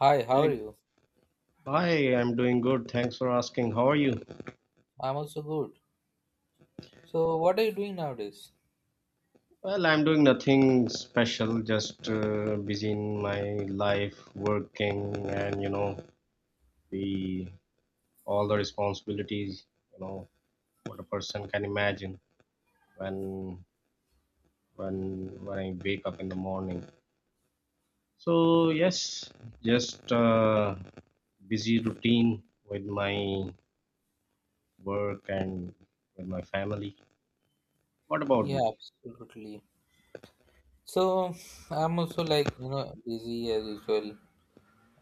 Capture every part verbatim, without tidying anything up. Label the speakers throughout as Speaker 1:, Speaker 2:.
Speaker 1: Hi, how are
Speaker 2: Hey,
Speaker 1: you?
Speaker 2: hi, I'm doing good. Thanks for asking. How are you?
Speaker 1: I'm also good. So, what are you doing nowadays?
Speaker 2: Well, I'm doing nothing special, just uh, busy in my life, working, and you know, the all the responsibilities, you know, what a person can imagine when when when I wake up in the morning. So yes, just uh, busy routine with my work and with my family. What about
Speaker 1: Yeah,
Speaker 2: you?
Speaker 1: absolutely. So, I'm also like, you know, busy as usual.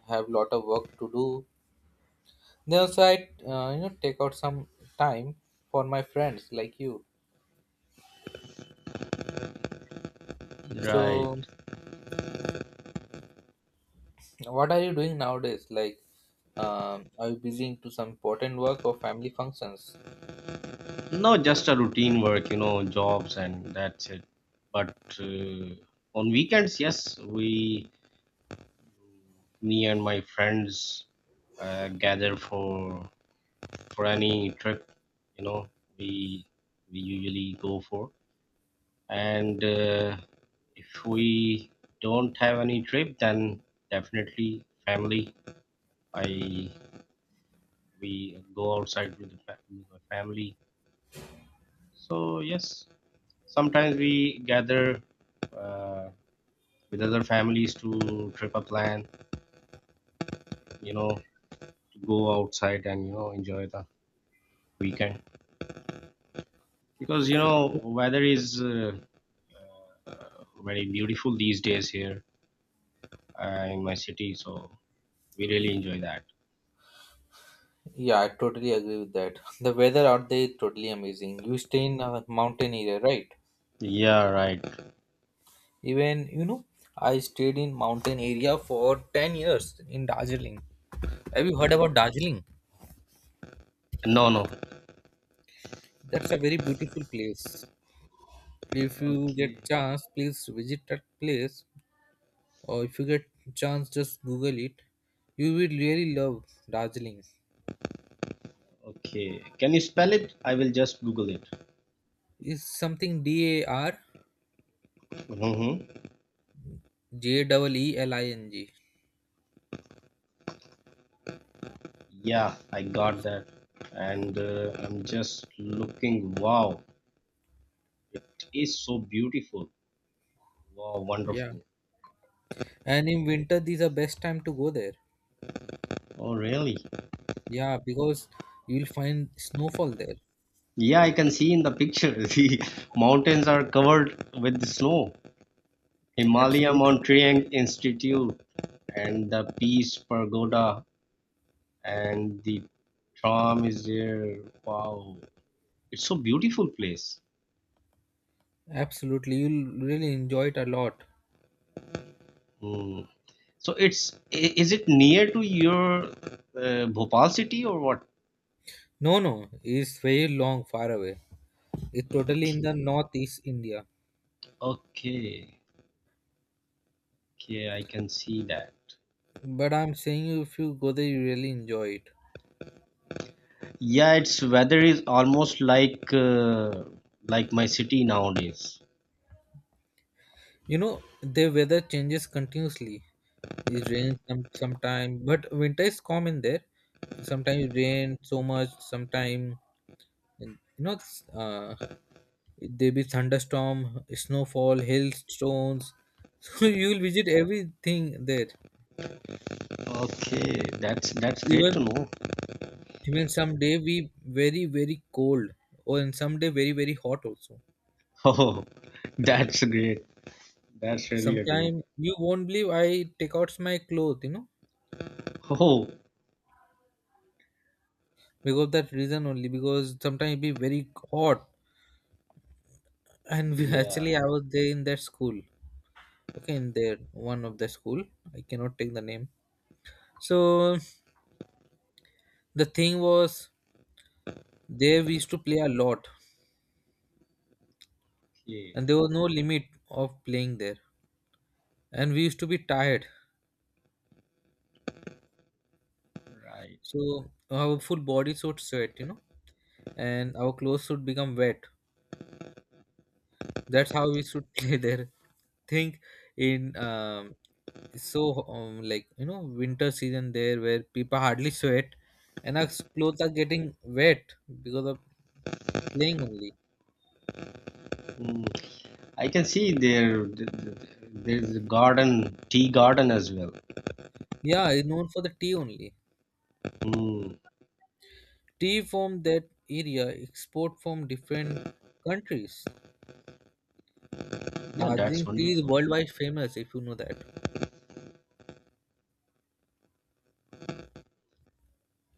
Speaker 1: Have lot of work to do. Then also I, uh, you know, take out some time for my friends like you.
Speaker 2: Right.
Speaker 1: So, what are you doing nowadays? Like, um, are you busy into some important work or family functions?
Speaker 2: No, just a routine work, you know, jobs and that's it. But uh, on weekends, yes, we, me and my friends, uh, gather for for any trip. You know, we we usually go for. And uh, if we don't have any trip, then definitely family. I we go outside with the fa- with my family. So yes, sometimes we gather uh, with other families to trip a plan you know to go outside and you know enjoy the weekend because you know weather is uh, uh, very beautiful these days here uh, in my city, so we really enjoy that.
Speaker 1: Yeah, I totally agree with that. The weather out there is totally amazing. You stay in a mountain area, right?
Speaker 2: Yeah, right.
Speaker 1: Even, you know, I stayed in mountain area for ten years in Darjeeling. Have you heard about Darjeeling?
Speaker 2: No, no.
Speaker 1: That's a very beautiful place. If you
Speaker 2: Okay.
Speaker 1: get chance, please visit that place. Or if you get chance, just Google it. You will really love Darjeeling.
Speaker 2: Okay, can you spell it? I will just Google it.
Speaker 1: It's something D A R
Speaker 2: Mm-hmm.
Speaker 1: J E E L I N G.
Speaker 2: Yeah, I got that. And uh, I'm just looking. Wow, it is so beautiful. Wow,
Speaker 1: Yeah.
Speaker 2: wonderful.
Speaker 1: And in winter, these are best time to go there.
Speaker 2: Oh, really?
Speaker 1: Yeah, because you will find snowfall there.
Speaker 2: Yeah, I can see in the picture. The mountains are covered with snow. Himalaya
Speaker 1: Absolutely.
Speaker 2: Mountain Institute and the Peace Pagoda and the tram is there. Wow, it's so beautiful place.
Speaker 1: Absolutely, you'll really enjoy it a lot.
Speaker 2: Hmm. So it's i- is it near to your uh, Bhopal city or what?
Speaker 1: No, no, it's very long, far away. It's totally in the northeast India.
Speaker 2: Okay, okay, I can see that.
Speaker 1: But I'm saying you, if you go there, you really enjoy it.
Speaker 2: Yeah, its weather is almost like uh, like my city nowadays.
Speaker 1: You know, the weather changes continuously. It rains some sometime, but winter is common there. Sometimes it rains so much, sometime and, you know, it's, uh, there be thunderstorm, snowfall, hailstones. So you'll visit everything there.
Speaker 2: Okay, that's that's great to
Speaker 1: Even
Speaker 2: know.
Speaker 1: Even someday we very very cold, or in someday very very hot also.
Speaker 2: Oh, that's great. That's really a great.
Speaker 1: Sometimes you won't believe I take out my clothes, you know,
Speaker 2: Oh,
Speaker 1: because of that reason only. Because sometimes it be very hot, and we actually
Speaker 2: yeah.
Speaker 1: I was there in that school. Okay, in there one of the school. I cannot take the name. So the thing was there we used to play a lot,
Speaker 2: Okay,
Speaker 1: and there was no limit of playing there, and we used to be tired.
Speaker 2: right.
Speaker 1: So our full body would sweat, you know and our clothes should become wet. That's how we should play there. Think in um, so um, like you know winter season there where people hardly sweat and our clothes are getting wet because of playing only.
Speaker 2: Mm, I can see there th- th- there's a garden, tea garden as well.
Speaker 1: Yeah, it's known for the tea only.
Speaker 2: Mm,
Speaker 1: Tea from that area export from different countries.
Speaker 2: yeah, that's
Speaker 1: Darjeeling tea is
Speaker 2: wonderful.
Speaker 1: worldwide famous if you know that.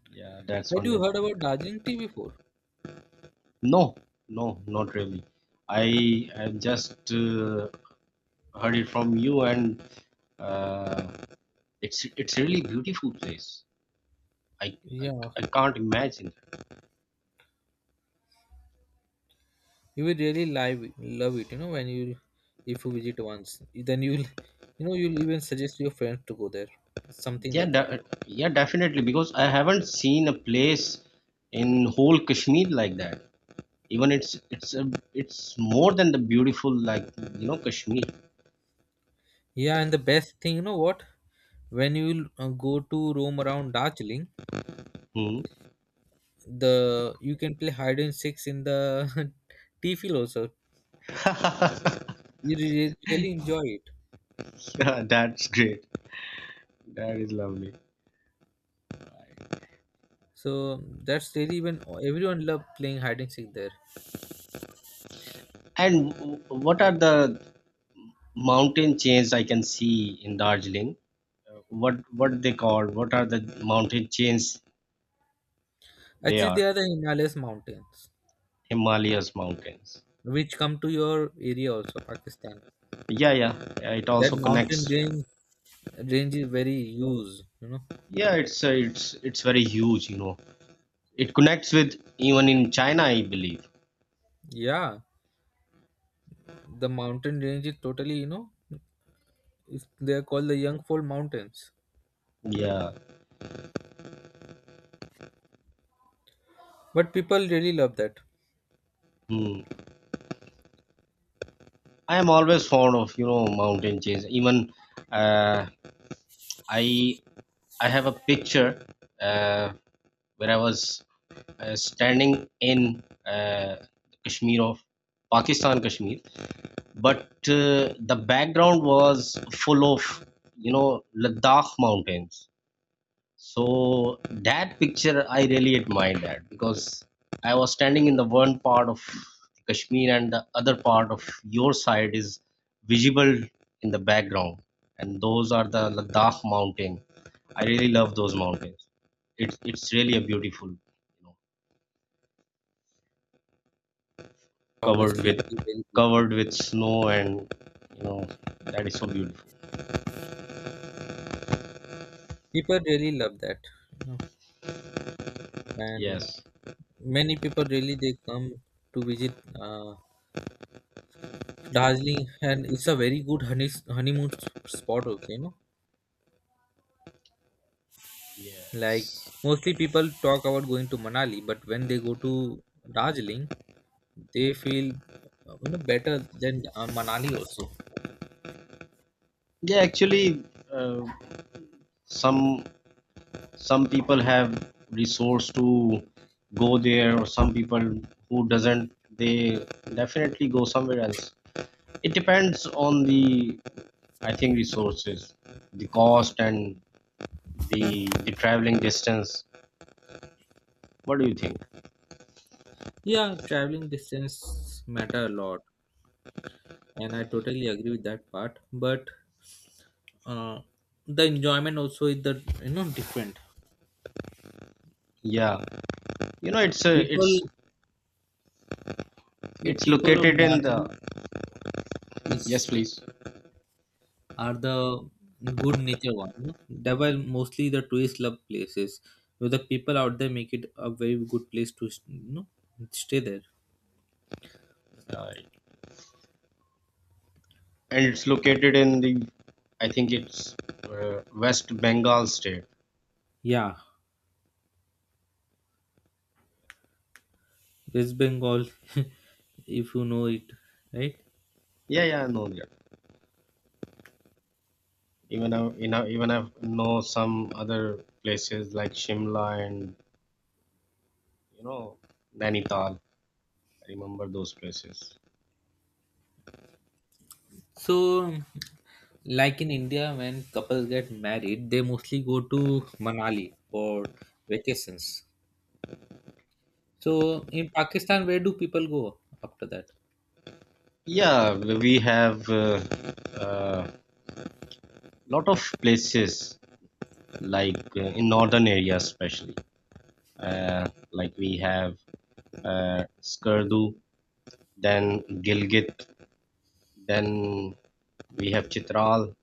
Speaker 2: Yeah, that's
Speaker 1: Had you heard
Speaker 2: wonderful.
Speaker 1: about Darjeeling tea before?
Speaker 2: No, no, not really. I am just uh, heard it from you, and uh, it's it's really beautiful place. I, I,
Speaker 1: Yeah,
Speaker 2: I can't imagine.
Speaker 1: you will really live love it you know when you if you visit once then you'll you know you'll even suggest your friends to go there, something
Speaker 2: Yeah,
Speaker 1: like that.
Speaker 2: de- yeah, definitely because I haven't seen a place in whole Kashmir like that. Even it's it's a, it's more than the beautiful like you know Kashmir.
Speaker 1: Yeah, and the best thing, you know what, when you uh, go to roam around Darjeeling,
Speaker 2: Hmm.
Speaker 1: the you can play hide and seek in the tea field also. You re- really enjoy it.
Speaker 2: Yeah, that's great. That is lovely.
Speaker 1: So that's really even everyone love playing hide and seek there.
Speaker 2: And w- what are the mountain chains I can see in Darjeeling? What what they call what are the mountain chains? They
Speaker 1: Actually, they
Speaker 2: are
Speaker 1: are the Himalayas mountains
Speaker 2: Himalayas mountains.
Speaker 1: which come to your area also, Pakistan.
Speaker 2: Yeah, yeah. Yeah, it
Speaker 1: That
Speaker 2: also connects
Speaker 1: mountain
Speaker 2: to.
Speaker 1: range range is very huge, you know.
Speaker 2: Yeah, it's uh, it's it's very huge, you know it connects with even in China, I believe.
Speaker 1: Yeah, the mountain range is totally, you know, it's, they are called the Yangful Mountains.
Speaker 2: Yeah.
Speaker 1: But people really love that.
Speaker 2: Hmm. I am always fond of, you know mountain chains, even, uh, i i have a picture, uh, where I was, uh, standing in, uh, Kashmir of Pakistan, Kashmir, but uh, the background was full of, you know Ladakh mountains. So that picture I really admired, that because I was standing in the one part of Kashmir and the other part of your side is visible in the background, and those are the Ladakh mountain. I really love those mountains. It's it's really a beautiful, you know covered
Speaker 1: Obviously, it
Speaker 2: with
Speaker 1: is very
Speaker 2: covered
Speaker 1: beautiful.
Speaker 2: with snow, and you know that is so beautiful.
Speaker 1: People really love that, you know. And
Speaker 2: Yes.
Speaker 1: many people really they come to visit uh, Darjeeling, and it's a very good honey honeymoon s- spot also, you know. Like
Speaker 2: Yes.
Speaker 1: mostly people talk about going to Manali, but when they go to Darjeeling, they feel uh, you know, better than uh, Manali also.
Speaker 2: Yeah, actually, uh, some some people have resource to go there, or some people who doesn't, they definitely go somewhere else. It depends on the, I think, resources, the cost, and the the traveling distance. What do you think?
Speaker 1: Yeah, traveling distance matter a lot, and I totally agree with that part. But uh, the enjoyment also is the you know different.
Speaker 2: Yeah, you know, it's a,
Speaker 1: People,
Speaker 2: it's
Speaker 1: yeah,
Speaker 2: it's
Speaker 1: people of
Speaker 2: located in
Speaker 1: Darjeeling
Speaker 2: the. Yes,
Speaker 1: is
Speaker 2: please.
Speaker 1: are the good nature one. You know? They were mostly the tourist love places. So the people out there make it a very good place to s- you know stay there.
Speaker 2: Uh, and it's located in the. I think it's uh, West Bengal state.
Speaker 1: Yeah, West Bengal, if you know it, right?
Speaker 2: Yeah, yeah, I know that. Even I, you know, even I know some other places like Shimla and, you know Nainital. I remember those places.
Speaker 1: So, like in India, when couples get married, they mostly go to Manali for vacations. So, in Pakistan, where do people go after that?
Speaker 2: Yeah, we have a uh, uh, lot of places, like uh, in northern area especially. Uh, like we have, uh, Skurdu, then Gilgit, then we have Chitral.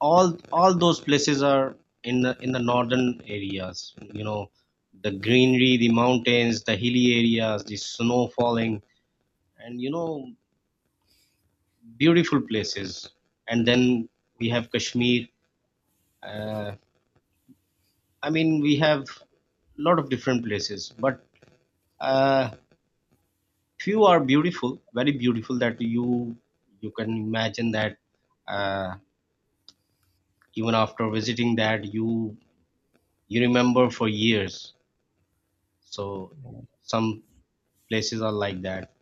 Speaker 2: All all those places are in the in the northern areas, you know the greenery, the mountains, the hilly areas, the snow falling, and, you know beautiful places. And then we have Kashmir, uh, I mean we have lot of different places, but uh, few are beautiful, very beautiful, that you you can imagine that, uh, even after visiting that you you remember for years. So some places are like that,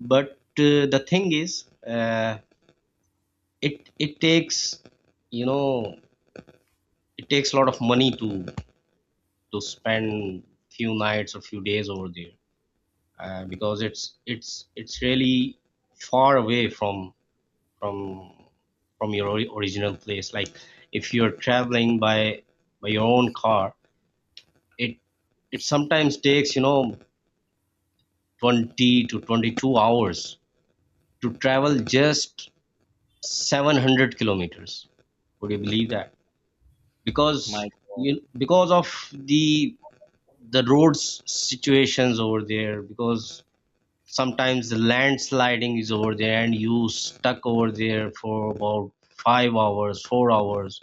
Speaker 2: but uh, the thing is, uh, it it takes, you know it takes a lot of money to to spend few nights or few days over there, uh, because it's it's it's really far away from from from your, ori- original place, like if you're traveling by by your own car. It it sometimes takes, you know twenty to twenty-two hours to travel just seven hundred kilometers. Would you believe that?
Speaker 1: My
Speaker 2: Because,
Speaker 1: God.
Speaker 2: you because of the the roads situations over there, because sometimes the landsliding is over there and you stuck over there for about five hours, four hours.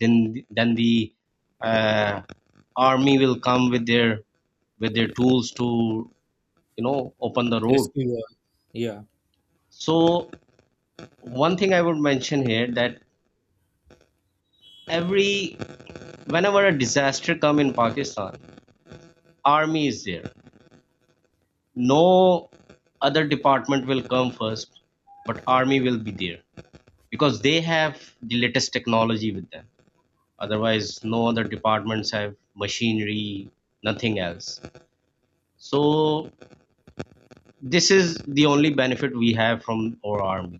Speaker 2: Then then the, uh, army will come with their with their tools to, you know open the
Speaker 1: Yes,
Speaker 2: road.
Speaker 1: we are. Yeah.
Speaker 2: So one thing I would mention here, that every whenever a disaster come in Pakistan, army is there. No other department will come first, but army will be there, because they have the latest technology with them. Otherwise no other departments have machinery, nothing else. So this is the only benefit we have from our army.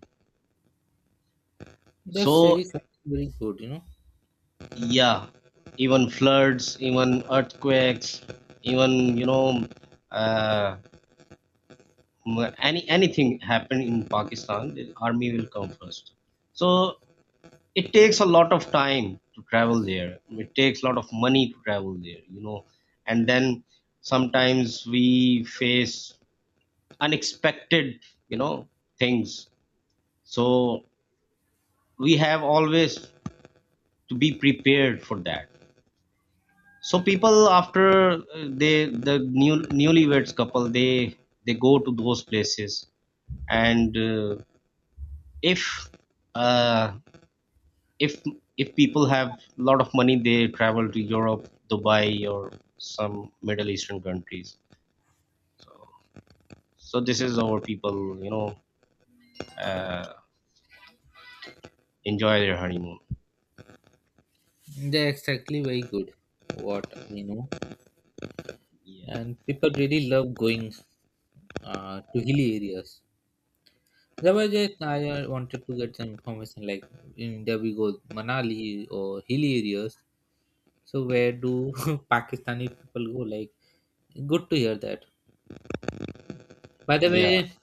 Speaker 1: That's really
Speaker 2: So
Speaker 1: something very good, you know.
Speaker 2: yeah, even floods, even earthquakes, even, you know uh, m- any anything happen in Pakistan, the army will come first. So it takes a lot of time to travel there, it takes a lot of money to travel there, you know and then sometimes we face unexpected, you know things. So we have always to be prepared for that. So people after, uh, they the new newlyweds couple, they they go to those places. And uh, if uh, if if people have a lot of money, they travel to Europe, Dubai, or some Middle Eastern countries. So so this is how people, you know uh, enjoy their honeymoon.
Speaker 1: They're exactly very good, what we know,
Speaker 2: Yeah,
Speaker 1: and people really love going uh, to hilly areas. There was just I uh, wanted to get some information like in India we go Manali or hilly areas. So where do Pakistani people go? Like good to hear that. By the
Speaker 2: yeah.
Speaker 1: way,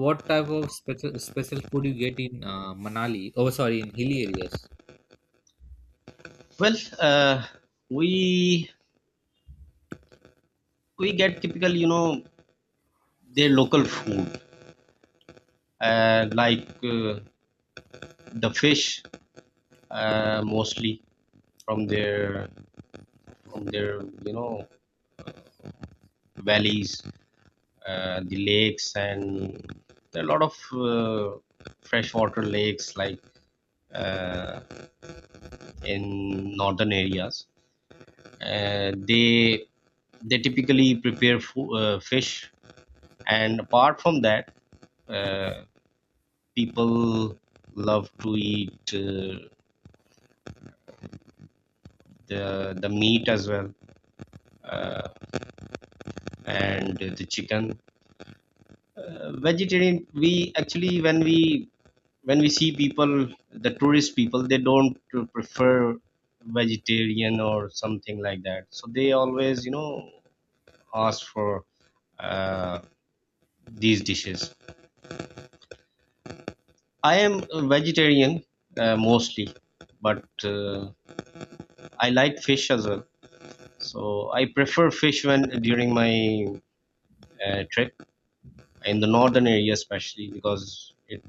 Speaker 1: what type of special special food you get in uh, Manali? Oh, sorry, in hilly areas.
Speaker 2: Well, uh, we we get typical, you know their local food, uh, like, uh, the fish, uh, mostly from their from their, you know valleys, uh, the lakes. And there are a lot of, uh, freshwater lakes, like uh, in northern areas, uh, they they typically prepare, fo- uh, fish. And apart from that, uh, people love to eat, uh, the the meat as well, uh, and the chicken, uh, vegetarian. We actually when we when we see people, the tourist people, they don't prefer vegetarian or something like that, so they always, you know ask for, uh, these dishes. I am a vegetarian, uh, mostly, but uh, I like fish as well. So I prefer fish when during my, uh, trip in the northern area, especially because, it,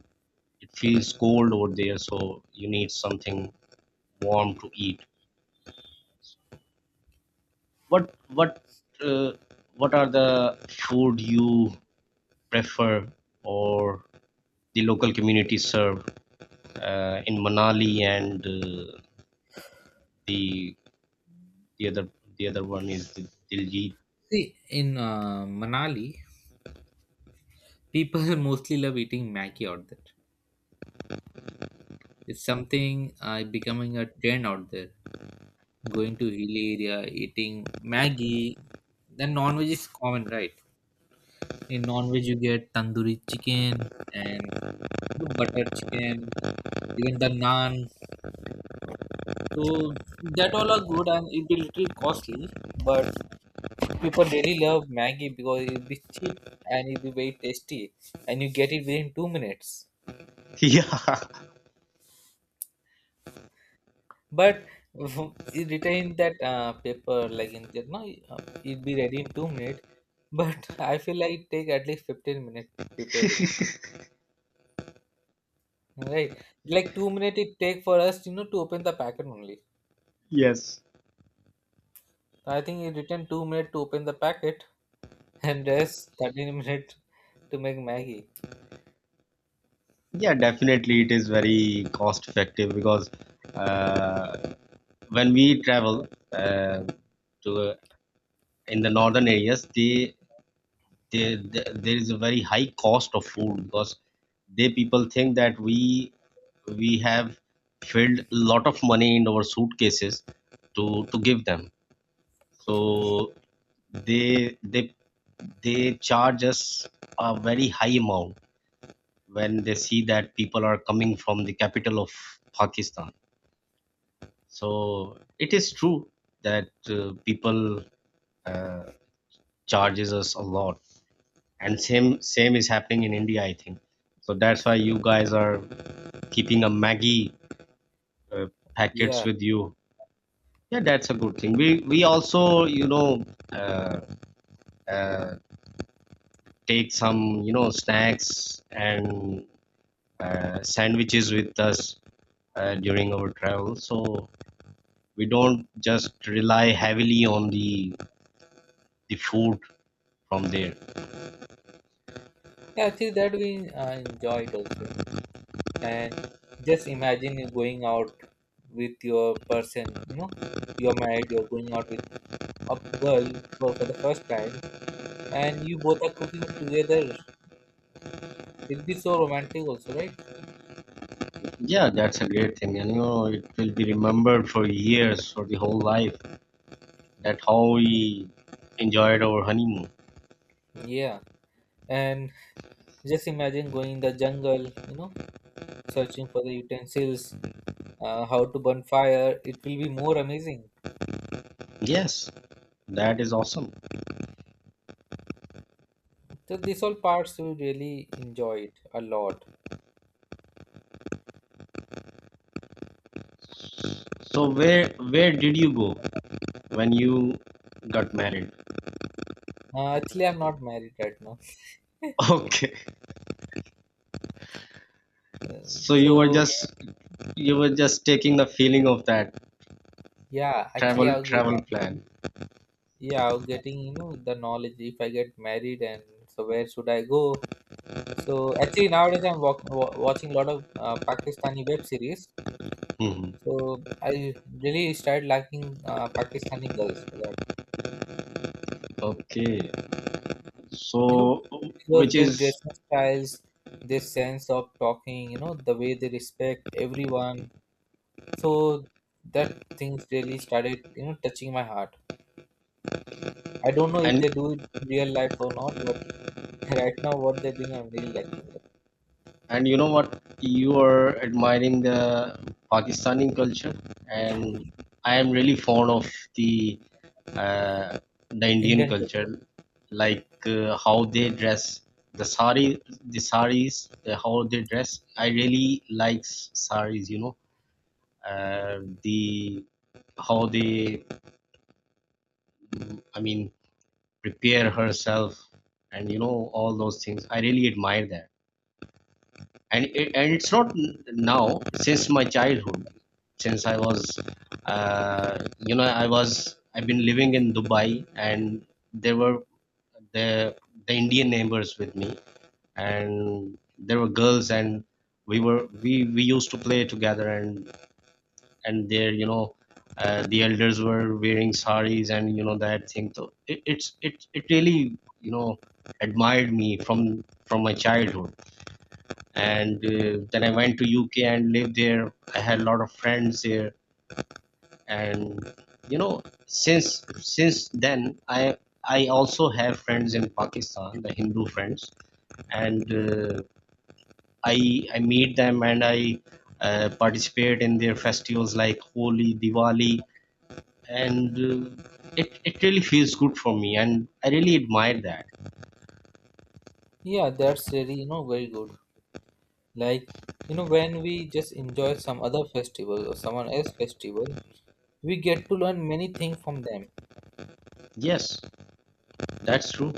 Speaker 2: it feels cold over there, so you need something warm to eat. What what uh, what are the food you prefer, or the local community serve, uh, in Manali, and uh, the the other the other one is the Diljit.
Speaker 1: See, in uh, Manali, people mostly love eating Maggie out there. It's something uh, becoming a trend out there. Going to hilly area, eating Maggie. Then non-veg is common, right? In non-veg, you get tandoori chicken and, you know, butter chicken, even the naan. So that all are good and it be little costly, but people really love Maggie because it'll be cheap and it'll be very tasty and you get it within two minutes.
Speaker 2: Yeah.
Speaker 1: But it retain that uh, paper like in there. No, uh, it be ready in two minutes. But I feel like it take at least fifteen minutes to prepare it. Right? Like two minutes it take for us, you know, to open the packet only.
Speaker 2: Yes.
Speaker 1: So, I think it return two minutes to open the packet, and rest thirteen minutes to make Maggie.
Speaker 2: Yeah, definitely it is very cost effective because, uh, when we travel, uh, to in the northern areas, they there, there there is a very high cost of food, because they people think that we we have filled a lot of money in our suitcases to to give them, so they they they charge us a very high amount when they see that people are coming from the capital of Pakistan. So it is true that, uh, people, uh, charges us a lot. And same same is happening in India I think, so that's why you guys are keeping a Maggie, uh, packets
Speaker 1: Yeah,
Speaker 2: with you. Yeah, that's a good thing. We we also, you know uh, uh, take some, you know snacks and, uh, sandwiches with us, uh, during our travel, so we don't just rely heavily on the the food from there.
Speaker 1: yeah. Actually, that we uh, enjoy it also. You know? And just imagine you going out with your person. You know, you're married. You're going out with up girl for, for the first time, and you both are cooking together. It'd be so romantic also, right?
Speaker 2: Yeah, that's a great thing, and, you know it will be remembered for years for the whole life, that how we enjoyed our honeymoon.
Speaker 1: Yeah, and just imagine going in the jungle, you know searching for the utensils, uh, how to burn fire. It will be more amazing.
Speaker 2: Yes, that is awesome.
Speaker 1: So these all parts we really enjoyed a lot.
Speaker 2: So where where did you go when you got married?
Speaker 1: uh, actually, I'm not married right now.
Speaker 2: Okay.
Speaker 1: Uh,
Speaker 2: So you were
Speaker 1: so
Speaker 2: just you were just taking the feeling of that
Speaker 1: yeah actually I
Speaker 2: travel
Speaker 1: was
Speaker 2: travel plan.
Speaker 1: yeah I was getting, you know the knowledge, if I get married, and so where should I go. So actually nowadays I'm walk, wa- watching a lot of uh, Pakistani web series.
Speaker 2: Hmm.
Speaker 1: So I really started liking uh, Pakistani girls for that.
Speaker 2: Okay.
Speaker 1: You
Speaker 2: So
Speaker 1: know, because
Speaker 2: which
Speaker 1: their
Speaker 2: is
Speaker 1: dressing styles, their sense of talking, you know, the way they respect everyone. So that things really started, you know, touching my heart. I don't know if
Speaker 2: an.
Speaker 1: they do it in real life or not, but right now what they're doing, I'm really liking that.
Speaker 2: And you know what? You are admiring the Pakistani culture, and I am really fond of the, uh, the Indian
Speaker 1: Indian culture.
Speaker 2: culture, like, uh, how they dress, the sari, the saris, the, how they dress. I really like, s- saris. You know, uh, the how they, mm, I mean, prepare herself, and, you know all those things. I really admire that. and it, and it's not now since my childhood. Since I was uh, you know I was I've been living in Dubai, and there were the the Indian neighbors with me, and there were girls, and we were we we used to play together. And and there you know uh, The elders were wearing saris, and you know that thing. So it, it's it it really, you know, admired me from from my childhood. And uh, then I went to UK and lived there. I had a lot of friends there. And you know, since since then i i also have friends in Pakistan, the Hindu friends. And uh, i i meet them, and I uh, participate in their festivals like Holi, Diwali. And uh, it, it really feels good for me, and I really admire that.
Speaker 1: Yeah, that's really, you know, very good. Like, you know, when we just enjoy some other festival or someone else festival, we get to learn many things from them.
Speaker 2: Yes, that's true.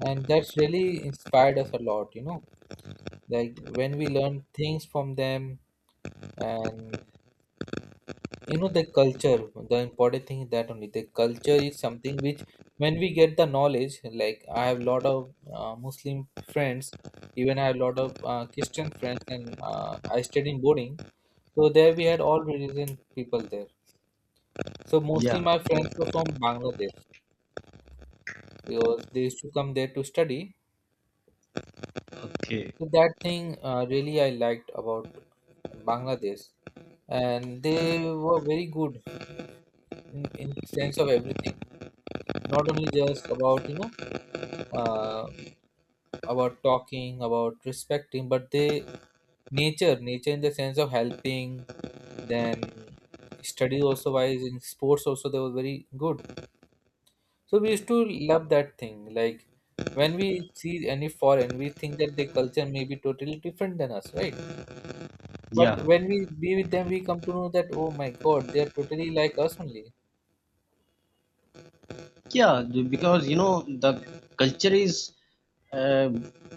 Speaker 1: And that's really inspired us a lot, you know. Like when we learn things from them and you know the culture, the important thing is that only the culture is something which when we get the knowledge, like I have lot of uh, Muslim friends, even I have lot of uh, Christian friends and uh, I studied in boarding. So there we had all religion people there. So mostly
Speaker 2: Yeah.
Speaker 1: my friends were from Bangladesh because they used to come there to study.
Speaker 2: Okay.
Speaker 1: So that thing uh, really I liked about Bangladesh, and they were very good in, in sense of everything. Not only just about you know uh, about talking, about respecting, but they nature nature in the sense of helping. Then study also wise, in sports also they were very good. So we used to love that thing. Like when we see any foreign, we think that their culture may be totally different than us, right? But
Speaker 2: yeah
Speaker 1: when we be with them, we come to know that, oh my God, they are totally like us only.
Speaker 2: Yeah, because you know the culture is uh,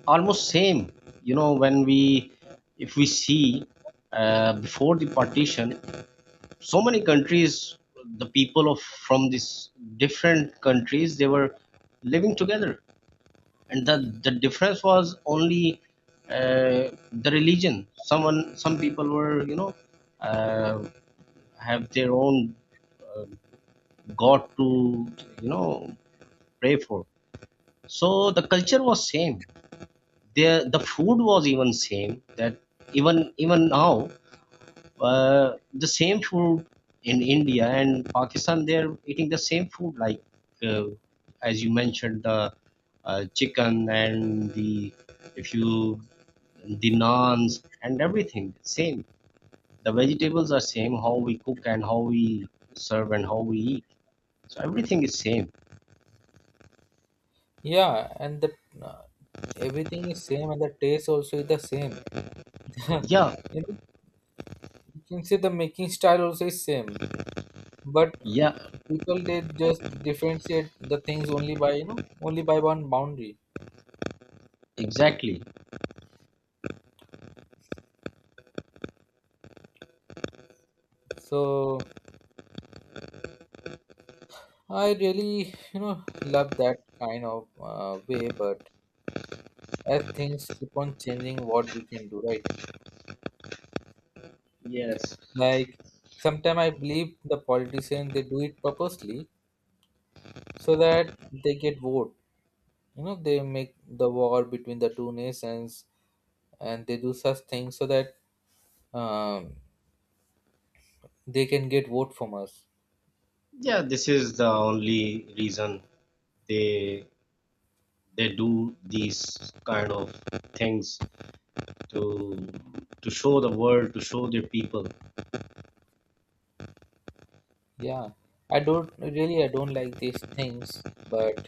Speaker 2: almost same. You know, when we, if we see uh, before the partition, so many countries, the people of from these different countries, they were living together, and the the difference was only uh, the religion. Someone, some people were, you know, uh, have their own uh, God to, you know, pray for. So the culture was same there. The food was even same that even even now uh, the same food in India and Pakistan. They're eating the same food, like uh, as you mentioned, the uh, chicken and the, if you, the naans and everything same. The vegetables are same, how we cook and how we serve and how we eat. So everything is same.
Speaker 1: Yeah, and the uh, everything is same, and the taste also is the same.
Speaker 2: Yeah.
Speaker 1: You know, you can say the making style also is same, but
Speaker 2: Yeah,
Speaker 1: uh, people they just differentiate the things only by, you know, only by one boundary.
Speaker 2: exactly.
Speaker 1: So I really, you know, love that kind of uh, way, but as things keep on changing, what we can do, right?
Speaker 2: Yes.
Speaker 1: Like, sometimes I believe the politicians they do it purposely so that they get vote. You know, they make the war between the two nations, and they do such things so that um, they can get vote from us.
Speaker 2: Yeah, this is the only reason they they do these kind of things to to show the world, to show their people.
Speaker 1: Yeah, I don't really, I don't like these things, but,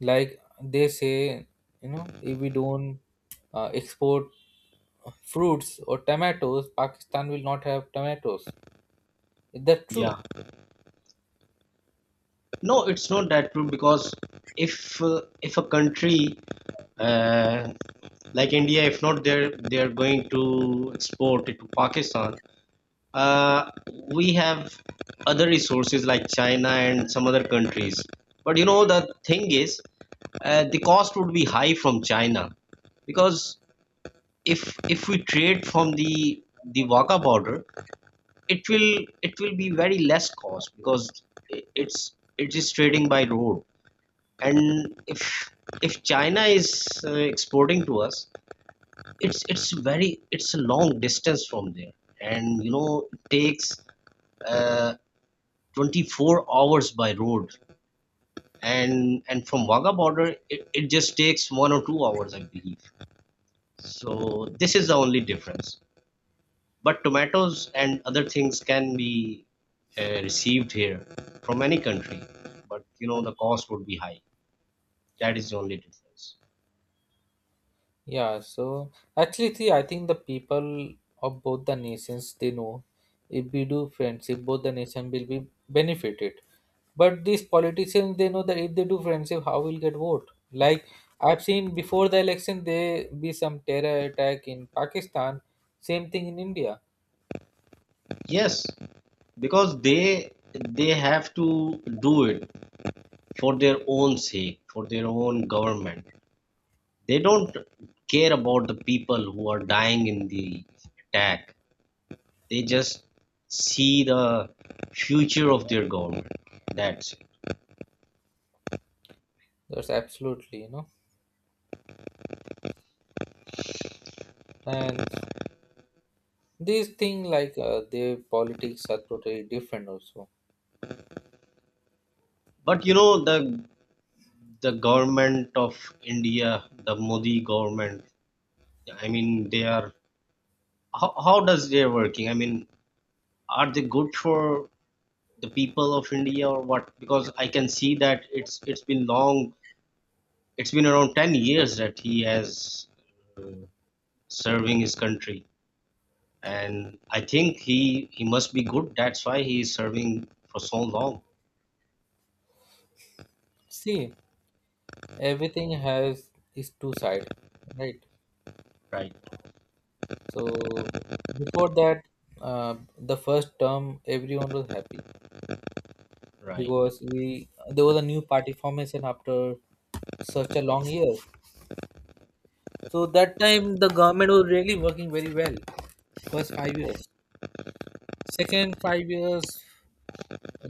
Speaker 1: like they say, you know, if we don't uh, export fruits or tomatoes, Pakistan will not have tomatoes. Is that true?
Speaker 2: Yeah, no, it's not that true, because if uh, if a country, uh, like India, if not they're they're going to export it to Pakistan, uh, we have other resources like China and some other countries. But you know the thing is, uh, the cost would be high from China, because if if we trade from the the Wagah border, it will it will be very less cost, because i- it's it is trading by road. And if if China is uh, exporting to us, it's it's very it's a long distance from there, and you know it takes uh, twenty-four hours by road, and and from Wagah border, it, it just takes one or two hours, I believe. So this is the only difference. But tomatoes and other things can be uh, received here from any country, but you know the cost would be high. That is the only difference.
Speaker 1: Yeah, so actually, see, I think the people of both the nations they know, if we do friendship, both the nation will be benefited. But these politicians they know that if they do friendship, how will get vote? Like I've seen before the election, there be some terror attack in Pakistan. Same thing in India.
Speaker 2: Yes, because they they have to do it for their own sake, for their own government. They don't care about the people who are dying in the attack. They just see the future of their government. That's it.
Speaker 1: That's absolutely you know. and these things like uh, their politics are totally different also.
Speaker 2: But you know the the government of India, the Modi government, I mean, they are, how, how does they working? I mean, are they good for the people of India or what? Because I can see that it's it's been long, it's been around ten years that he has uh, serving his country. And I think he he must be good. That's why he is serving for so long.
Speaker 1: See, everything has is two side, right?
Speaker 2: Right,
Speaker 1: So before that, uh, the first term everyone was happy
Speaker 2: right.
Speaker 1: because we there was a new party formation after such a long year. So that time the government was really working very well. First five years, second five years,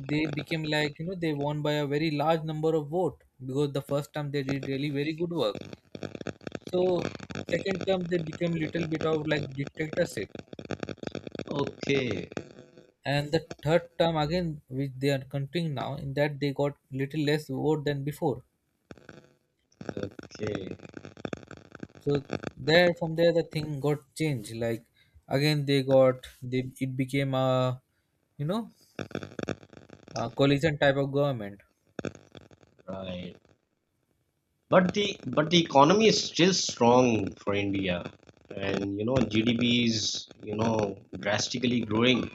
Speaker 1: they became like, you know, they won by a very large number of vote because the first time they did really very good work. So second term they became little bit of like dictatorship.
Speaker 2: Okay,
Speaker 1: And the third term, again, which they are continuing now, in that they got little less vote than before.
Speaker 2: okay,
Speaker 1: So there, from there the thing got changed, like again they got they it became a, you know, a coalition type of government.
Speaker 2: right. But the, but the economy is still strong for India, and you know G D P is, you know, drastically growing.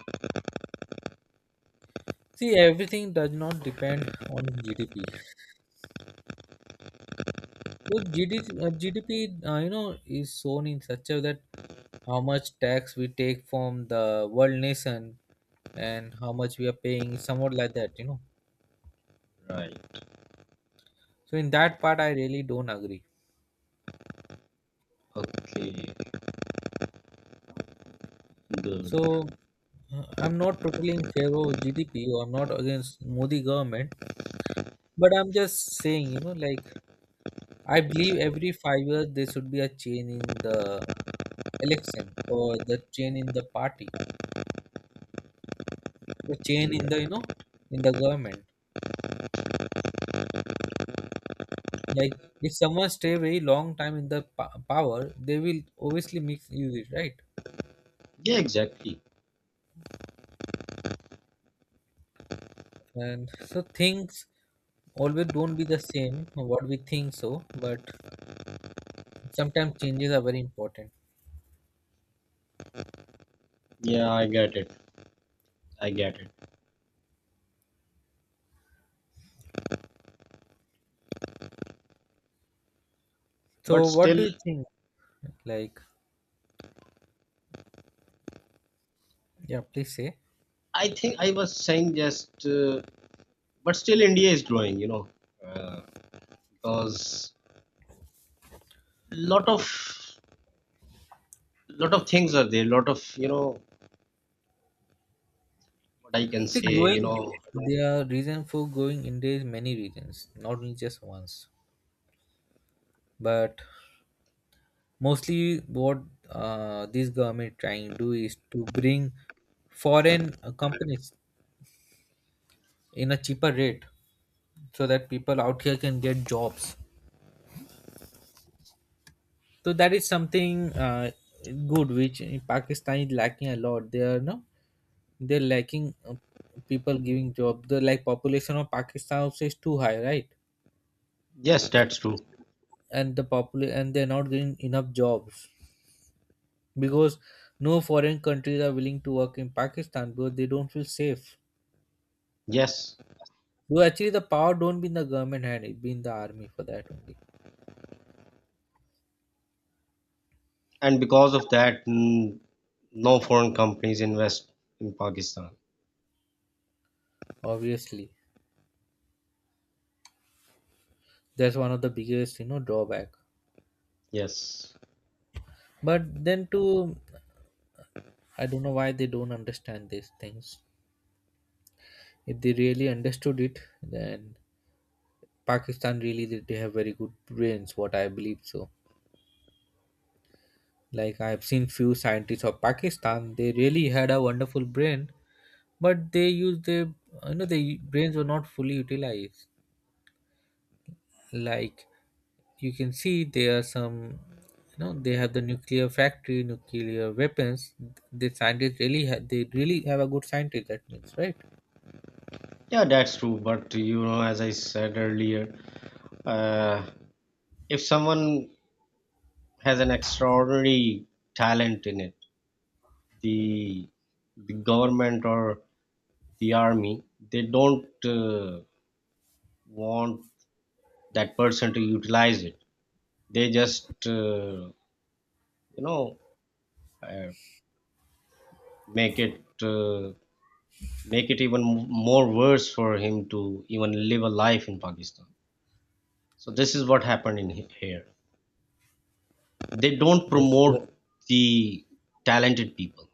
Speaker 1: See, everything does not depend on G D P. So G D P, uh, G D P, uh, you know, is shown in such a that how much tax we take from the world nation and how much we are paying, somewhat like that, you know.
Speaker 2: Right.
Speaker 1: So in that part, I really don't agree.
Speaker 2: Okay. Good.
Speaker 1: So uh, I'm not totally in favor of G D P or I'm not against Modi government, but I'm just saying, you know, like I believe every five years there should be a change in the election, or the change in the party, or change in the, you
Speaker 2: Yeah.
Speaker 1: know, in the government. Like if someone stay very long time in the pa- power, they will obviously mix use it, right?
Speaker 2: Yeah, exactly.
Speaker 1: And so things always don't be the same what we think so, but sometimes changes are very important.
Speaker 2: Yeah, I get it. I get it. But
Speaker 1: So what do
Speaker 2: still,
Speaker 1: you think? Like yeah, please say.
Speaker 2: I think I was saying just. Uh, but still, India is growing. You know, uh, because lot of lot of things are there. Lot of, you know, what I can
Speaker 1: See,
Speaker 2: say. You
Speaker 1: growing,
Speaker 2: know.
Speaker 1: there are reason for growing India is many reasons, not only just ones. But mostly what uh, this government trying to do is to bring foreign uh, companies in a cheaper rate so that people out here can get jobs. So that is something uh, good, which in Pakistan is lacking a lot. They are no, they're lacking, uh, people giving job. The like population of Pakistan also is too high, right?
Speaker 2: Yes, that's true.
Speaker 1: And the popul and they're not getting enough jobs because no foreign countries are willing to work in Pakistan because they don't feel safe.
Speaker 2: Yes.
Speaker 1: So actually the power don't be in the government hand, it be in the army for that only.
Speaker 2: And because of that, mm, no foreign companies invest in Pakistan.
Speaker 1: Obviously, that's one of the biggest, you know, drawback.
Speaker 2: Yes.
Speaker 1: But then too, I don't know why they don't understand these things. If they really understood it, then Pakistan, really they they have very good brains, what I believe so. Like I've seen few scientists of Pakistan, they really had a wonderful brain, but they used their, you know, their brains were not fully utilized. Like you can see, there are some, you know, they have the nuclear factory, nuclear weapons. The scientists really have, they really have a good scientist. That means, right?
Speaker 2: Yeah, that's true, but you know, as I said earlier, uh, if someone has an extraordinary talent in it, the the government or the army, they don't uh, want that person to utilize it. They just, uh, you know uh, make it, uh, make it even more worse for him to even live a life in Pakistan. So this is what happened in he- here. They don't
Speaker 1: Yes, yes.
Speaker 2: promote the talented people.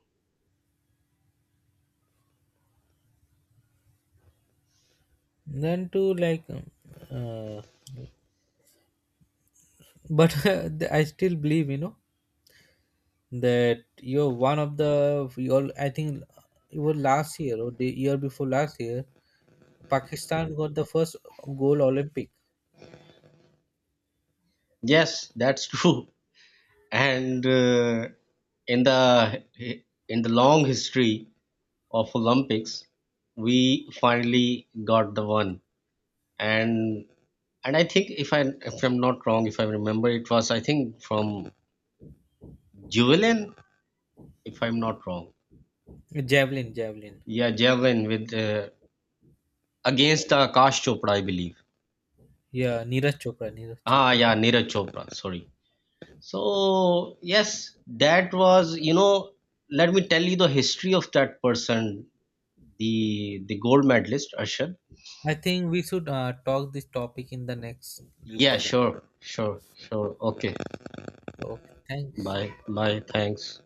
Speaker 1: Then to, like um, uh, but I still believe, you know, that you're one of the you I think it was last year or the year before last year, Pakistan got the first gold Olympic.
Speaker 2: Yes, that's true. And uh, in the in the long history of Olympics, we finally got the one. And and I think if I, if I'm not wrong, if I remember, it was, I think, from Juvelin, if I'm not wrong.
Speaker 1: Javelin, javelin.
Speaker 2: Yeah, javelin with uh, against uh, Akash Chopra, I believe.
Speaker 1: Yeah, Neeraj Chopra, Neeraj
Speaker 2: Ah,
Speaker 1: Chopra.
Speaker 2: yeah, Neeraj Chopra. Sorry. So yes, that was, you know. Let me tell you the history of that person, the the gold medalist Arshad.
Speaker 1: I think we should uh, talk this topic in the next
Speaker 2: Yeah,
Speaker 1: recording.
Speaker 2: sure, sure, sure. Okay,
Speaker 1: Okay, thanks.
Speaker 2: bye, bye. Thanks.